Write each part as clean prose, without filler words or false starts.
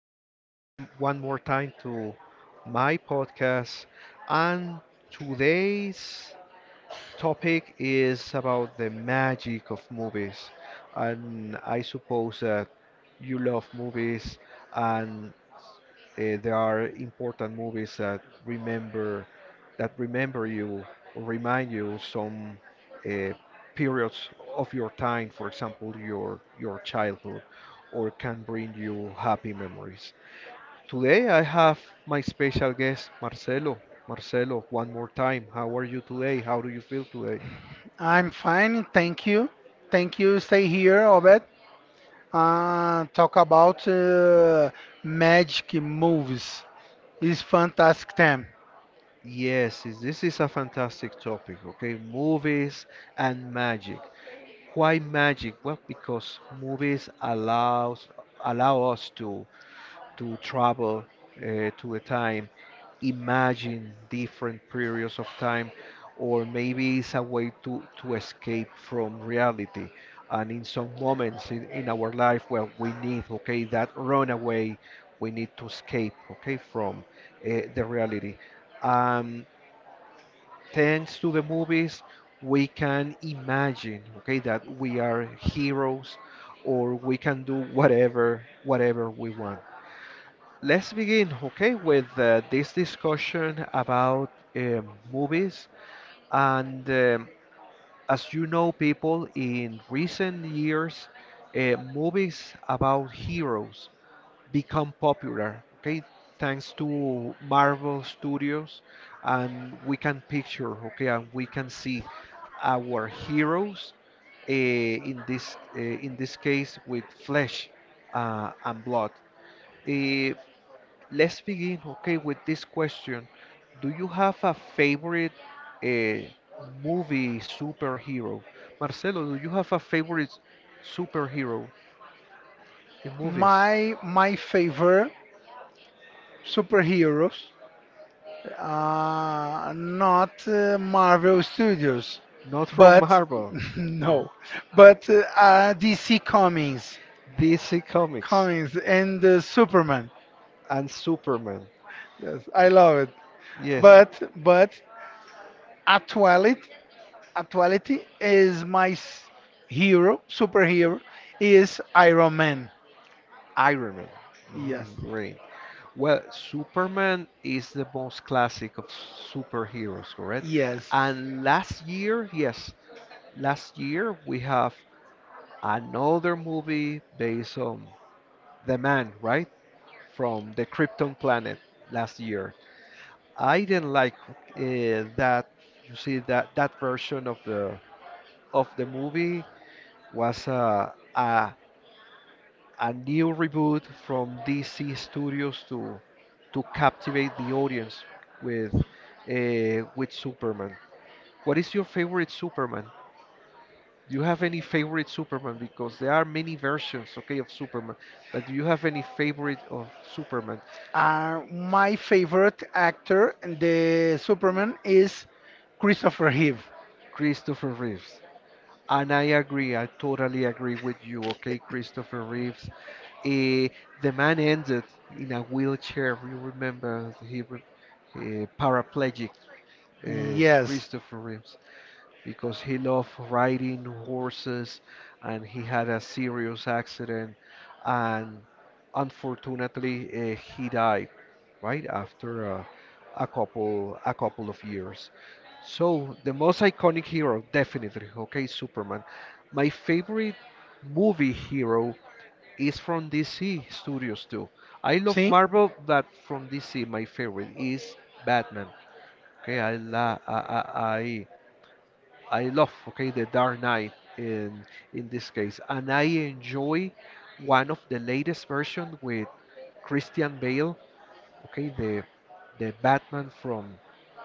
one more time to my podcast. And today's topic is about the magic of movies. And I suppose that you love movies and there are important movies that remember you, or remind you some uh, periods of your time, for example, your childhood, or can bring you happy memories. Today I have my special guest, Marcelo. Marcelo, one more time, how are you today? How do you feel today? I'm fine, thank you. Thank you. Stay here, Obed. Talk about magic movies. It's fantastic time. Yes, this is a fantastic topic, okay? Movies and magic. Why magic? Well, because movies allows allow us to travel to the time, imagine different periods of time, or maybe it's a way to escape from reality. And in some moments in our life, well, we need, okay, that runaway. We need to escape, okay, from the reality. Um, Thanks to the movies, we can imagine, okay, that we are heroes, or we can do whatever we want. Let's begin, okay, with this discussion about movies. And as you know, people, in recent years, movies about heroes become popular, okay, thanks to marvel studios, and we can picture, okay, and we can see our heroes in this case, with flesh and blood. Eh, let's begin, okay, with this question, do you have a favorite uh, movie superhero, marcelo? Do you have a favorite superhero in movies? My favorite superheroes, not Marvel Studios, Not from but Marvel. No. no, but DC Comics, DC Comics, Comics and Superman. and Superman. Yes, I love it. Yes, But actually, Actuality is my hero, superhero is Iron Man. Iron Man. Yes, Mm, great. Well, Superman is the most classic of superheroes, correct? yes. And last year, yes, last year we have another movie based on the man, right? From the Krypton planet last year. I didn't like that, you see, that version of the movie, was a new reboot from DC Studios to captivate the audience with Superman. What is your favorite Superman? Do you have any favorite Superman? Because there are many versions, okay, of Superman. But do you have any favorite of Superman? My favorite actor, in the Superman, is Christopher Reeve. Christopher Reeves. And I agree, I totally agree with you, okay, Christopher Reeves. Uh, the man ended in a wheelchair. You remember he, he paraplegic, uh, Yes. Christopher Reeves, because he loved riding horses, and he had a serious accident, and unfortunately he died right after a couple of years. So the most iconic hero, definitely, okay, Superman. My favorite movie hero is from DC Studios too. I love See? Marvel, but from DC, my favorite is Batman. Okay, I la I love, okay, the Dark Knight in in this case, and I enjoy one of the latest version with Christian Bale, okay, the Batman from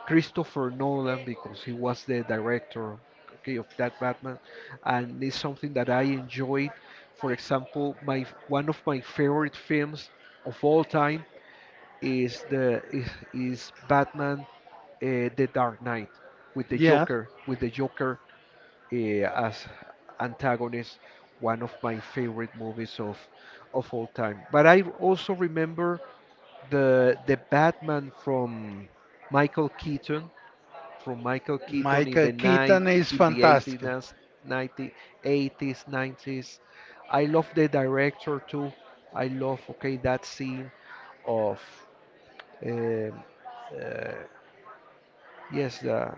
Christopher Nolan, because he was the director, okay, of that Batman, and it's something that I enjoyed. For example, my one of my favorite films of all time is Batman, the Dark Knight, with the Yeah. Joker, uh, as antagonist, one of my favorite movies of all time. But I also remember the Batman from Michael Keaton, in Michael the night Keaton is in the 80s, fantastic. nineties, 80s, 90s. I love the director too. I love, okay, that scene of um, uh, yes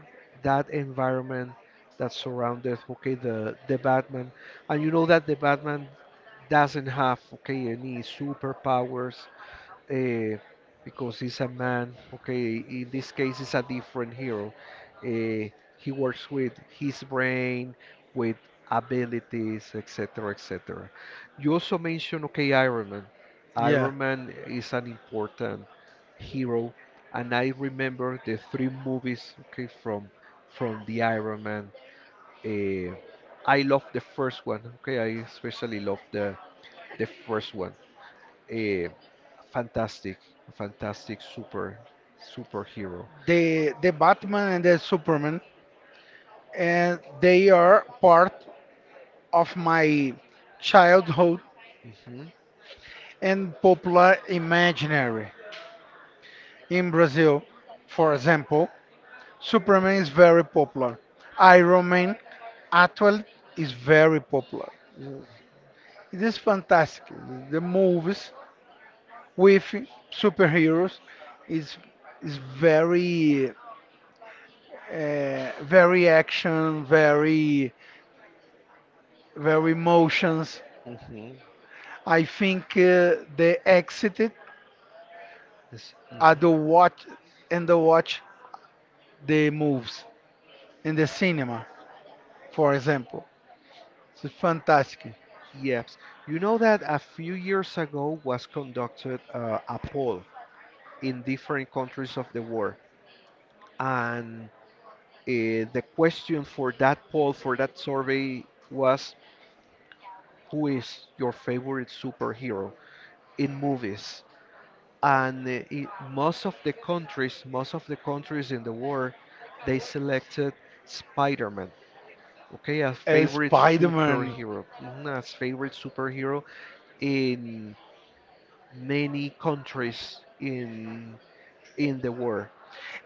that environment that surrounded, okay, the Batman, and you know that the Batman doesn't have, okay, any superpowers, uh, because he's a man. Okay, in this case, he's a different hero. Uh, he works with his brain, with abilities, etc., etc. You also mentioned, okay, Iron Man. Yeah. Iron Man is an important hero, and I remember the 3 movies, okay, from the Iron Man. Uh, I love the first one. Okay, I especially love the first one, a fantastic, fantastic superhero. The Batman and the Superman and they are part of my childhood Hmm. and popular imaginary. In Brazil, for example, Superman is very popular. Iron Man actually is very popular. It is fantastic. The movies with superheroes is is very very action, very emotions. Hmm. I think they exited Yes. Hmm. at the watch and the watch the moves in the cinema, for example. It's fantastic. Yes. You know that a few years ago was conducted a poll in different countries of the world, and the question for that poll, for that survey, was who is your favorite superhero in movies? And most of the countries in the world, they selected Spider-Man, okay, as favorite Spider-Man. superhero, mhm, as favorite superhero in many countries in the world.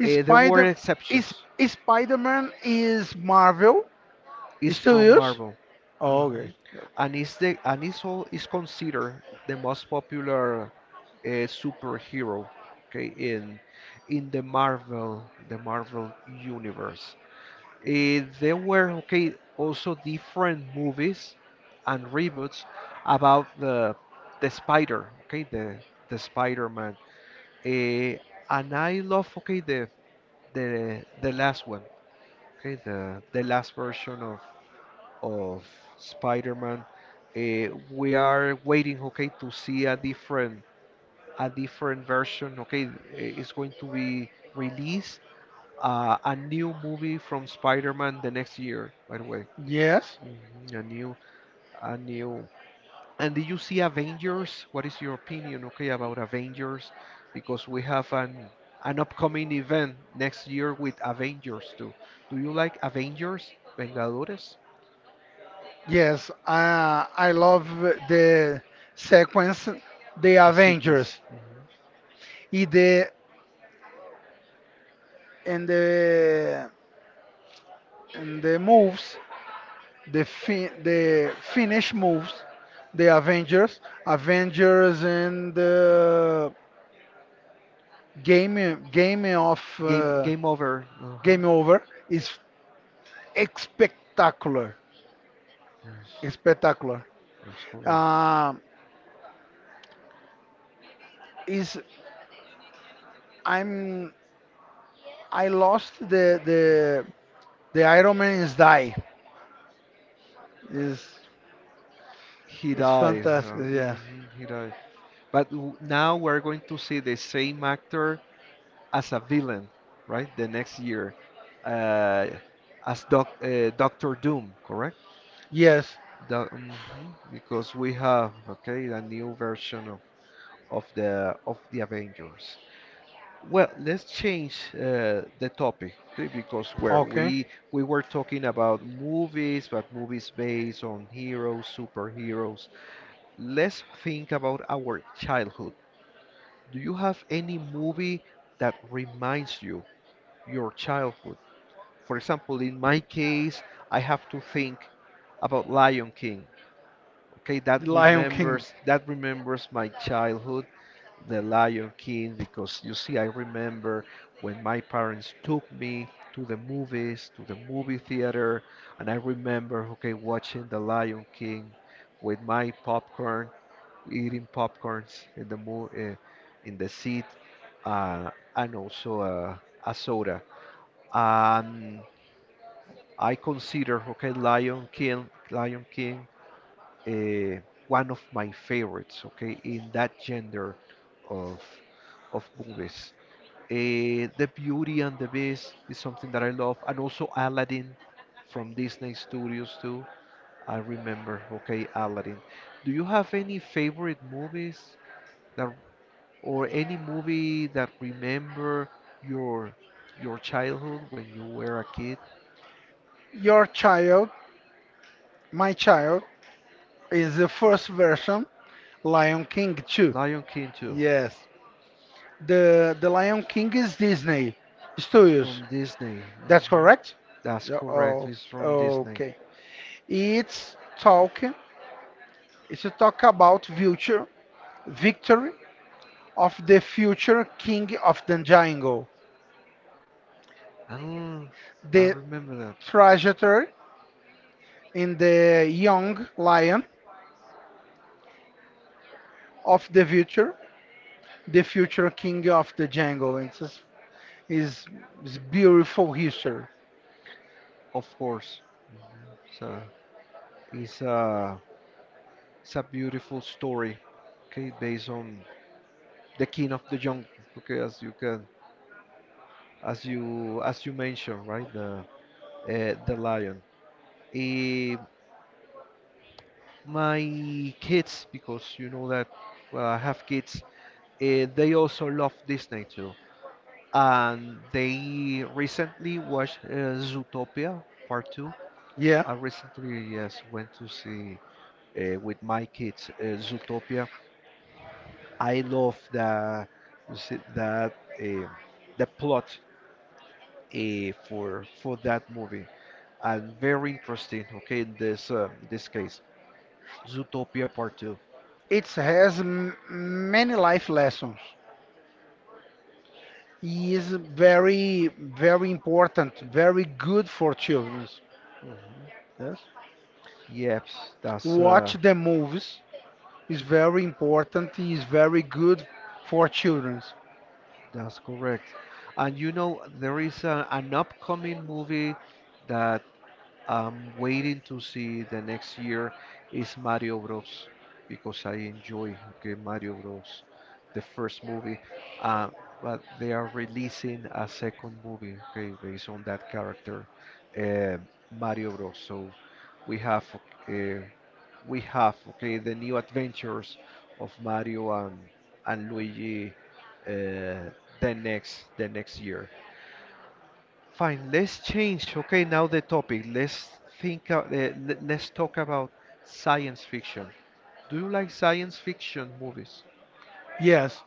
There were Spider is exceptions. Spider-Man is Marvel Is from Studios. Marvel. Oh, okay. Mhm. And is the, and is all, is considered the most popular superhero, okay, in the Marvel universe. There were, okay, also different movies and reboots about the the spider, okay, the the Spider-Man. Eh, and I love, okay, the last one, okay, the last version of of Spider-Man. We are waiting, okay, to see a different, version. Okay, it's going to be released a new movie from Spider-Man the next year. By the way, Yes. mhm, a new, a new. And did you see Avengers? What is your opinion, okay, about Avengers? Because we have an upcoming event next year with Avengers too. Do you like Avengers? Vengadores? Yes. I love the sequence the The sequence. Avengers. Mhm. In the and the and the moves the finish moves the Avengers Avengers and game game of Game game over. Uh-huh. game over is spectacular, Yes, spectacular. yes, correct. Um, is I'm I lost the the Iron Man's die. Is He is died. fantastic. Yes, Mhm, he died. But now we're going to see the same actor as a villain, right? The next year, uh, as Doc, Doctor Doom, correct? yes. Mhm. Because we have, okay, a new version of, of the Avengers. Well, let's change the topic, okay, because where Okay, we were talking about movies, but movies based on heroes, superheroes. Let's think about our childhood. Do you have any movie that reminds you your childhood? For example, in my case, I have to think about Lion King. Okay, that the Lion King. Remembers my childhood, the Lion King, because you see, I remember when my parents took me to the movies, to the movie theater, and I remember, okay, watching The Lion King with my popcorn, eating popcorns in the mo in the seat, uh, and also a soda. Um, I consider, okay, Lion King, uh, one of my favorites, okay, in that gender of movies. The Beauty and the Beast is something that I love, and also Aladdin, from Disney Studios too. I remember, okay, Aladdin. Do you have any favorite movies that, or any movie that remember your childhood when you were a kid? Your child, my child, is the first version. Lion King two. Lion King too, Yes, the Lion King is Disney Studios. from Disney. That's Mhm. correct. That's Yeah, correct. oh, It's from Disney. okay. It's talking is to talk about future Victory of the Future King of the Jungle, Oh, I the remember that. trajectory in the young lion of the future king of the jungle. It's is is beautiful history. Of course. So it's uh it's a beautiful story, okay, based on the king of the jungle, okay, as you can, as you mentioned, right, the lion. Eh, my kids, because you know that, well, I have kids. They also love Disney too, and they recently watched Zootopia Part 2. Yeah, I recently, yes, went to see with my kids Zootopia. I love the s- that the plot for that movie, and very interesting. Okay, in this case, Zootopia Part 2. it has many life lessons. It is very very important, very good for children. Mhm. Yes, Yep, that's uh, watch the movies is very important, is very good for children. that's correct. And you know there is an upcoming movie that I'm waiting to see the next year, is Mario Bros., because I enjoy, okay, Mario Bros., the first movie, uh, but they are releasing a second movie, okay, based on that character, uh, Mario Bros. So we have uh, okay the new adventures of Mario and Luigi, uh, the next, year. Fine. Let's change. Okay, now the topic. Let's think. Let's talk about science fiction. Do you like science fiction movies? Yes,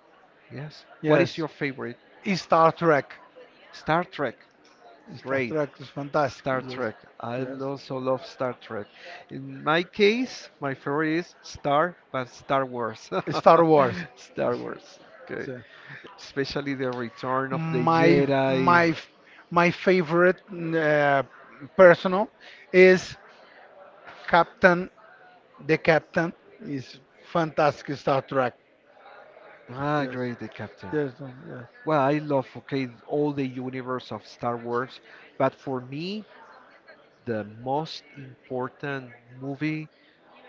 Yes. What is yes. your favorite? Star Trek. Star Trek. Star Great. Trek is fantastic. Star Yes, Trek. I yes. also love Star Trek. In my case, my favorite is Star, but Star Wars. Star Star Wars. Wars. Star Yes, Wars. it's, Okay. Especially the Return of the My Jedi. my my favorite uh, personal is Captain. The Captain is fantastic Star Trek. Ah, Yes, great, the Captain. yes, yes. Well, I love, okay, all the universe of Star Wars, but for me the most important movie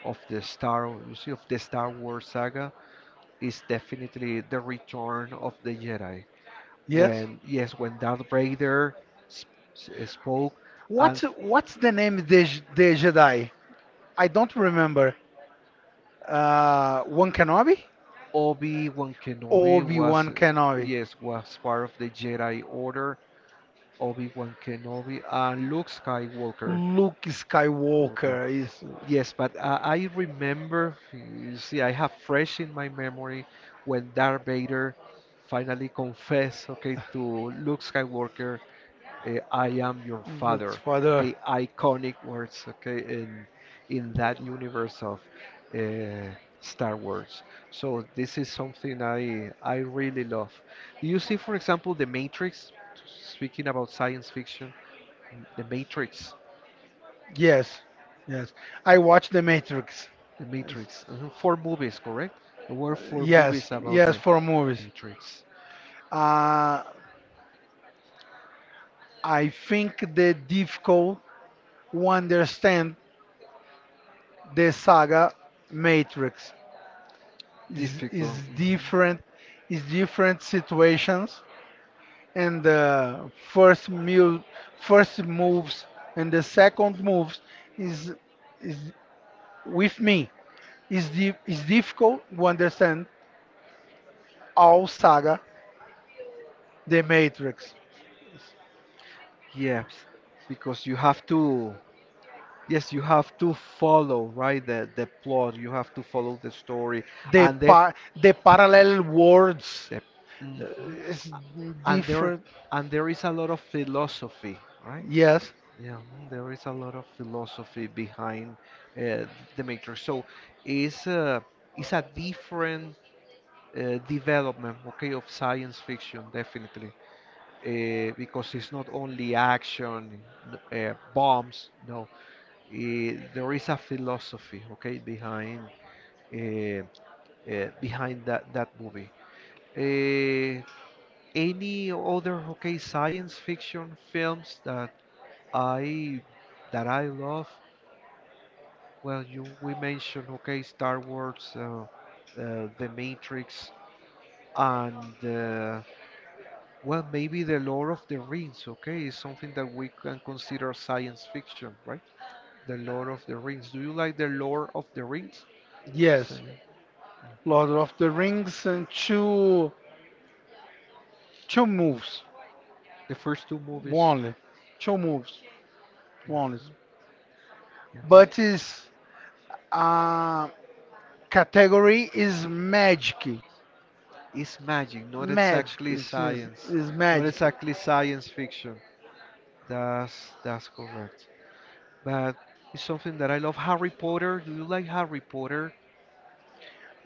of the Star, you see, of the Star Wars saga is definitely The Return of the Jedi. Yes. When yes, when Darth Vader s- spoke, What's and what's the name of the, the Jedi? I don't remember. One Kenobi? Obi-Wan Kenobi was, Obi-Wan Kenobi. yes, was part of the Jedi Order. Obi-Wan Kenobi and Luke Skywalker. Luke Okay. Skywalker is Yes, but I remember, you see, I have fresh in my memory when Darth Vader finally confessed, okay, to Luke Skywalker, I am your that's father. father. Okay, iconic words, okay, in that universe of uh, Star Wars. So this is something I really love. Do you see, for example, The Matrix? Speaking about science fiction, The Matrix. Yes, yes. I watched The Matrix. The Yes, Matrix. Uh-huh. 4 movies, correct? There were four yes, movies about yes, the for movies. Matrix. Uh, I think the difficult to understand the saga Matrix is is Difficult. Hmm. different is different situations and the first mu first moves and the second moves is is with me is is difficult to understand all saga the matrix Yeah, because you have to, yes, you have to follow, right, the plot. You have to follow the story, and the the parallel worlds the uh, mhm. is And there, different is a lot of philosophy, right? yes Yeah, mhm, there is a lot of philosophy behind uh, the Matrix. So it's a it's a different development, okay, of science fiction, definitely, because it's not only action, bombs, no. Eh, there is a philosophy, okay, behind uh, behind that movie. uh, any other, okay, science fiction films I that I love? Well, you, we mentioned, okay, Star Wars, The Matrix, and uh, well, maybe the Lord of the Rings, okay, is something that we can consider science fiction, right? The Lord of the Rings. Do you like the Lord of the Rings? So, yes lord of the rings and two two moves the first two movies. only two moves only but Yes. his uh, category is magic. It's magic, not Magic, exactly it's, science. it's Not magic. exactly science fiction. That's correct. But it's something that I love. Harry Potter, do you like Harry Potter?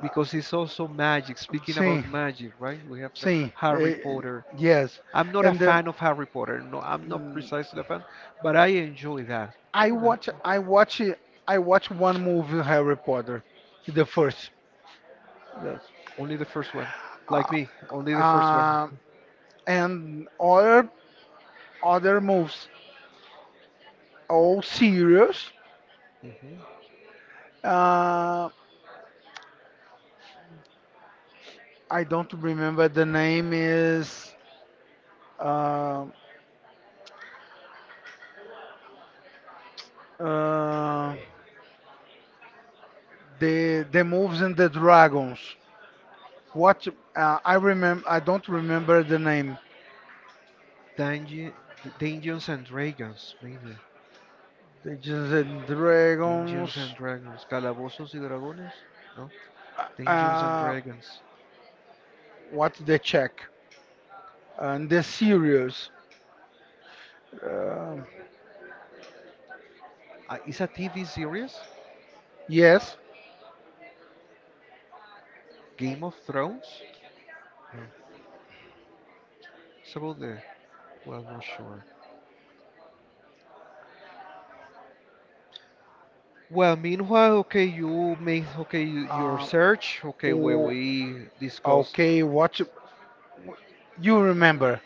Because it's also magic. Speaking Sim, about magic, right? We have sim, Harry eh, Potter. yes. I'm not a And fan of Harry Potter. No, I'm not mm, precisely a fan, but I enjoy that. I Okay, that watch, I watch, I watch one movie Harry Potter, the first. Yes. only the first one, Uh, like me, only the first one. uh, and other other moves, all serious. Hmm Uh, I don't remember the name is uh, uh, the moves and the dragons. What I remember, I don't remember the name. Dungeon, Dungeons and Dragons, maybe. They just said Dungeons dragons. and Dragons, Calabozos y Dragones, no? Dungeons and Uh, Dragons. what they check and the cereals. Um Is a TV series? yes. Game of Thrones? No. It's about the. Well, not sure. Well, meanwhile, okay, you made, okay, y- your Uh, search, okay, where oh, we discussed. okay. What you remember?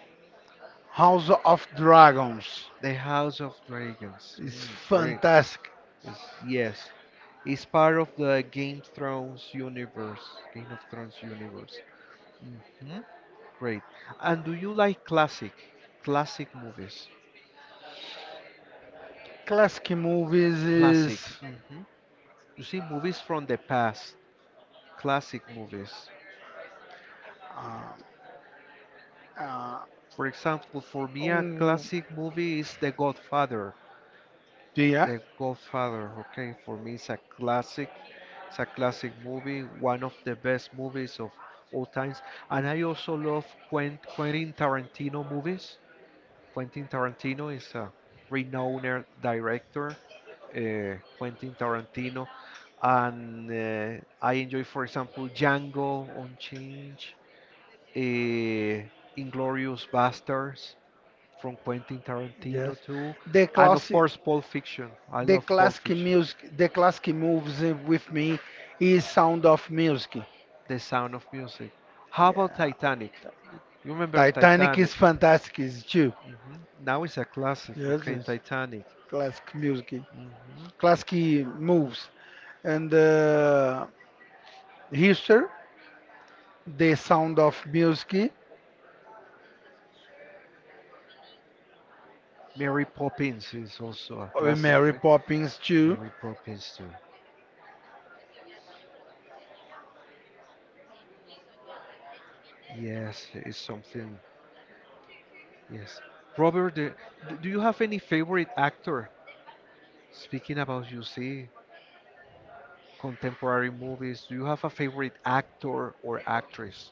House of Dragons. The House of Dragons. It's Mm, great. fantastic. It's- yes, it's part of the Game Thrones universe. Game of Thrones universe. Hmm Great. And do you like classic, classic movies? Classic movies Classic. is. Hmm You see, movies from the past. Classic movies. Uh, uh, For example, for me, a um, classic movie is The Godfather. yeah. The Godfather, okay, for me it's a classic. It's a classic movie, one of the best movies of all times. And I also love Quen- Quentin Tarantino movies. Quentin Tarantino is a renowned director. Quentin Tarantino, and I enjoy, for example, Django Unchained, uh, Inglorious Bastards from Quentin Yes. Tarantino too, The and of classic. course Pulp Fiction. I The love Pulp classic Fiction. music, the classic moves with me is Sound of Music. The Sound of Music. How about Yeah. Titanic? You remember Titanic is Titanic? fantastic is too. Hmm Now it's a classic. Yes, Okay, yes. Titanic. Classic music, Hmm classic moves, and history, the sound of music, Mary Poppins is also a classic, Mary right? Poppins too. Mary Poppins too. Yes, it's something. Yes. Robert, the, d- do you have any favorite actor? Speaking about, you see, contemporary movies, do you have a favorite actor or actress?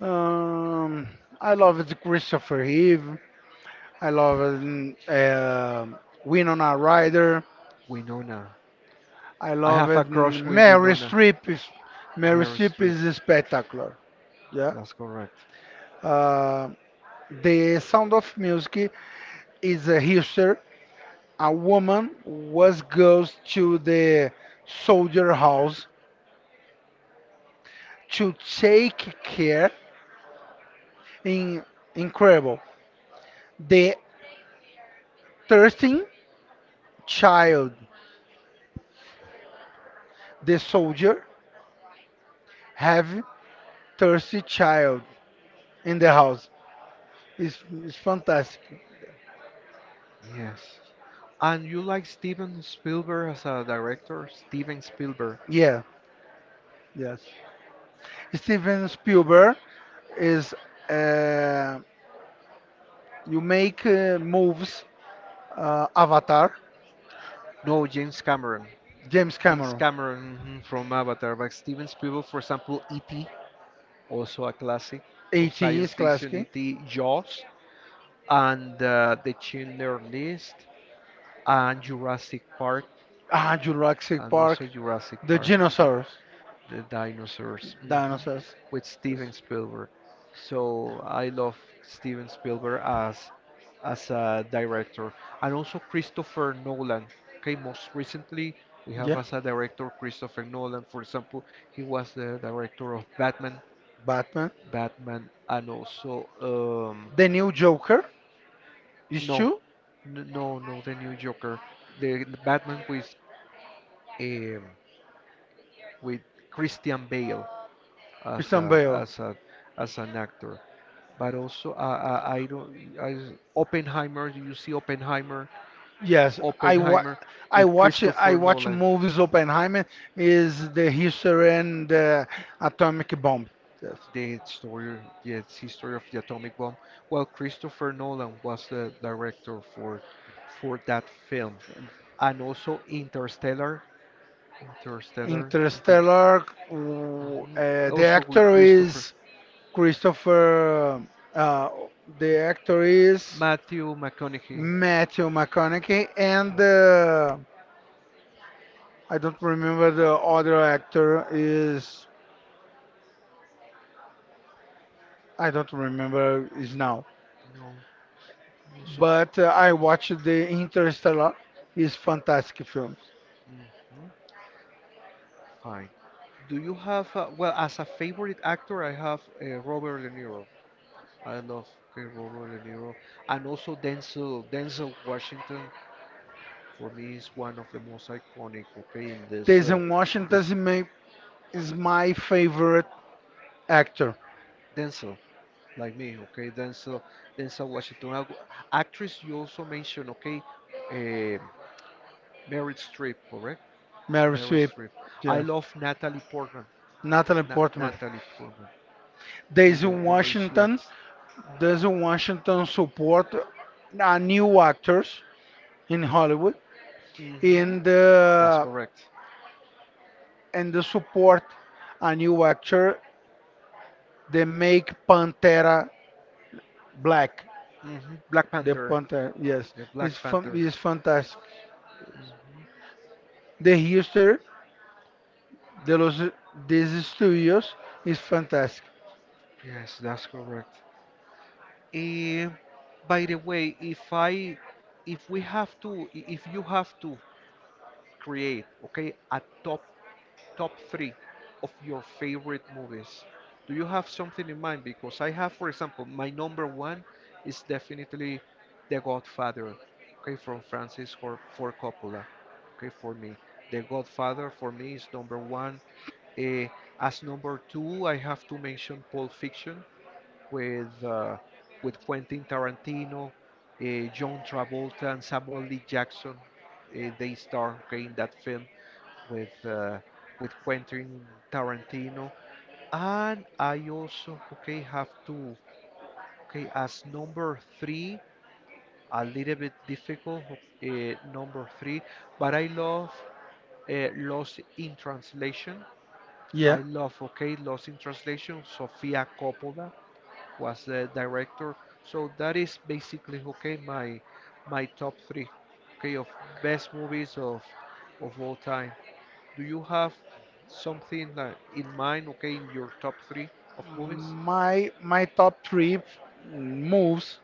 Um, I love the Christopher Reeve. I love Winona Ryder. Winona. I I love have a it. And crush with Winona. Mary Meryl Streep Streep. is spectacular. Yeah. That's correct. Uh, the Sound of Music is a history. A woman was goes to the soldier house to take care. In incredible. The thirsty child, the soldier have thirsty child in the house. It's fantastic. Yes. And you like Steven Spielberg as a director? Steven Spielberg. Yeah. Yes. Steven Spielberg is uh, you make moves. Avatar, No, James Cameron. James James Cameron, Cameron, mhm, from Avatar, but Steven Spielberg, for example, E.T., also a classic of E.T. science is fiction, classic. E.T., Jaws, and The Schindler List, and Jurassic Park. Ah, Jurassic And Park, also Jurassic the Park, I think, dinosaurs, the dinosaurs, hmm dinosaurs. with Steven Yes. Spielberg. So I love Steven Spielberg as a director, and also Christopher Nolan. Okay, most recently we have Yeah, as a director Christopher Nolan. For example, he was the director of Batman, Batman. Batman, and also The new Joker is no, true. No, no, the new Joker, the Batman um, with Christian Bale as a Christian Bale. as a as an actor. But also, I don't. I, Oppenheimer. You see Oppenheimer, Yes, Oppenheimer with I Christopher watch Nolan. movies. Oppenheimer is the history and the atomic bomb. Yes. The story, the history of the atomic bomb. Well, Christopher Nolan was the director for that film, and also Interstellar, Interstellar, Inter. Interstellar. Mhm. The Also with actor Christopher, is Christopher, uh, the actor is Matthew McConaughey. Matthew McConaughey, and Mm-hmm. I don't remember the other actor is I don't remember is now. No, also. But I watched the Interstellar. Is fantastic film. Mhm, fine. Do you have, well, as a favorite actor, I have Robert De Niro. I love Robert De Niro. And also Denzel, Denzel Washington, for me, is one of the most iconic, okay, in this, Denzel Washington this is my favorite actor. Denzel, like me, okay, Denzel, Denzel Washington. Ac- Actress, you also mentioned, okay, uh, Meryl Streep, correct? Meryl Meryl Streep, Streep. I yes. love Natalie Portman. Natalie Portman. Natalie Portman. See Denzel the way she Washington. acts. Denzel Washington support a new actors in Hollywood Hmm in That's the correct. and the support a new actor they make Pantera black. Hmm Black The Panther. Pantera, yes, The it's Black fun, Panther. it's fantastic. Hmm The history de los these studios is fantastic. Yes, that's correct. Eh, by the way, if we have to, I- if you have to create, okay, a top, top three of your favorite movies. Do you have something in mind? Because I have, for example, my number one is definitely The Godfather, okay, from Francis Ford Coppola, okay, for me. The Godfather for me is number one. Eh, as number two, I have to mention Pulp Fiction with uh, with Quentin Tarantino, John Travolta, and Samuel Lee Jackson. They star, okay, in that film with uh, with Quentin Tarantino. And I also, okay, have to, okay, as number three, a little bit difficult, number three, but I love Lost in Translation. Yeah, I love, okay, Lost in Translation. Sofia Coppola was the director, so that is basically, okay, my top three, okay, of best movies of all time. Do you have something like in mind, okay, in your top three of movies? my top three moves.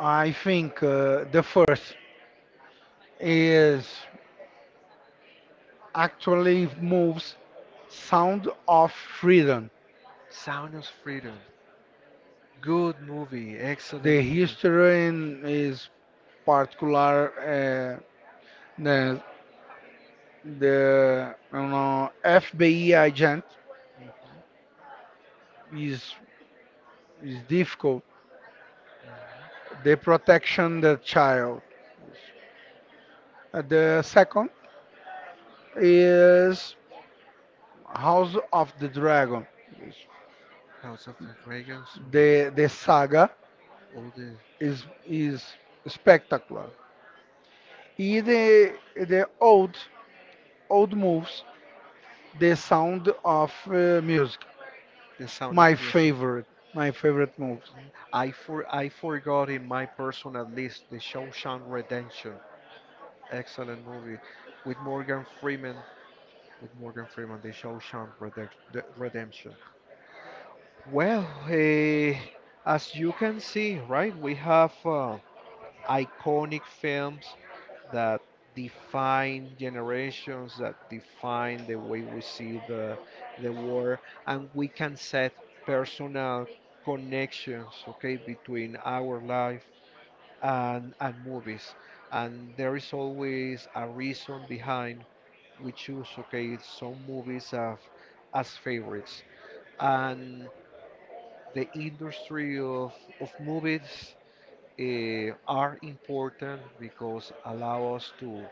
I think the first is actually moves Sound of Freedom. Sound of Freedom. Good movie, The excellent movie. history in is particular the the you know FBI agent Mhm, is is difficult. mhm. They protection the child. The second is House of the Dragon. House of the Dragons. Mhm. The saga All is spectacular. In the old old moves, the sound of music. the sound of My music. favorite, my favorite moves. Mm. I forgot in my personal list the Shawshank Redemption. Excellent movie with Morgan Freeman. With Morgan Freeman, the Shawshank Redec- the Redemption. Well, eh, as you can see, right, we have iconic films that define generations, that define the way we see the world, and we can set personal connections, okay, between our life and movies. And there is always a reason behind we choose, okay, some movies as favorites. And the industry of movies, eh, are important because allow us to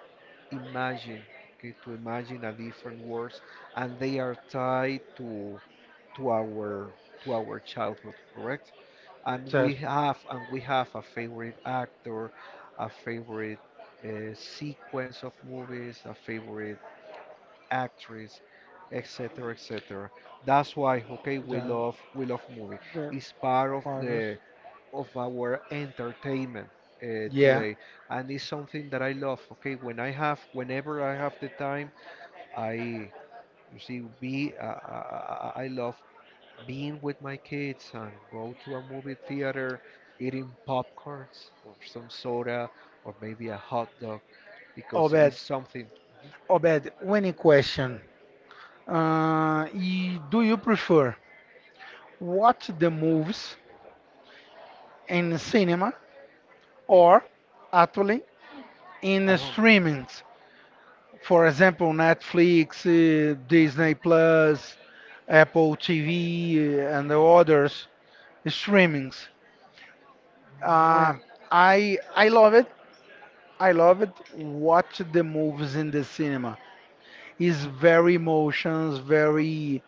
imagine, okay, to imagine a different world, and they are tied to to our to our childhood, correct, and Just we have a favorite actor, a favorite sequence of movies, a favorite actress, etc., etc. That's why, okay, the we love movie. the It's part of Pirates. the of our entertainment Yeah, today, and it's something that I love. Okay, whenever I have the time, I you see be I love being with my kids and go to a movie theater, eating popcorns or some soda or maybe a hot dog because Obed. it's something, mm-hmm, Obed, winning question. Do you prefer watch the movies in cinema or actually in the at home. streamings? For example, Netflix, Disney Plus, Apple TV, and the others streamings. Uh, Well, I love it I love it. Watch the movies in the cinema. It's very emotions, very,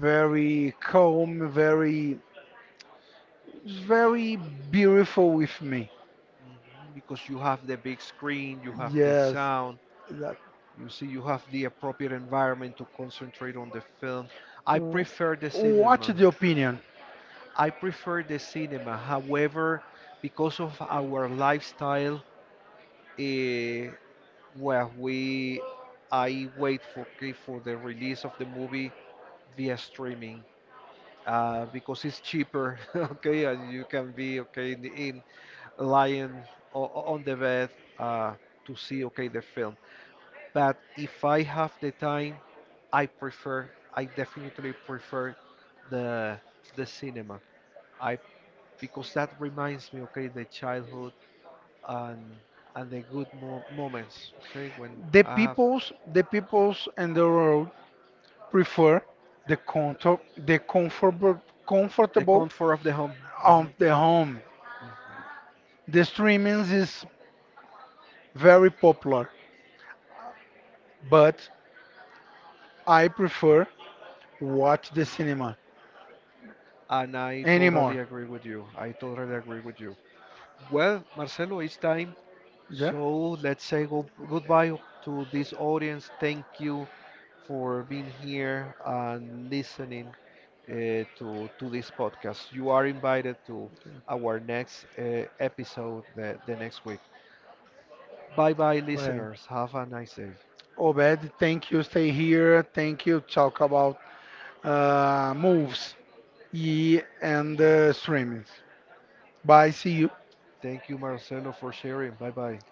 very calm, very, it's very beautiful with me. mhm, because you have the big screen, you have the Yes, sound, that. you see, you have the appropriate environment to concentrate on the film. I w- prefer the Watch cinema. the opinion. I prefer the cinema. However, because of our lifestyle, eh, well, we I wait for, okay, for the release of the movie via streaming because it's cheaper. Okay, and you can be, okay, lying on the bed uh, to see, okay, the film. But if I have the time, I definitely prefer the the cinema. I because that reminds me, okay, the childhood and and the good mo- moments, okay, when I have The peoples and the world prefer the comfort, the comfortable, the comfortable comfort of the home. Mhm. of the home. The streaming is very popular, but I prefer watch the cinema. And I totally Anymore. agree with you. I totally agree with you. Well, Marcelo, it's time. Yeah. So let's say go- goodbye to this audience. Thank you for being here and listening to this podcast. You are invited to our next episode, the next week. Bye bye, Well, listeners. Have a nice day. Obed, thank you. Stay here. Thank you. Talk about moves, e and streamings. Bye. See you. Thank you, Marcelo, for sharing. Bye bye.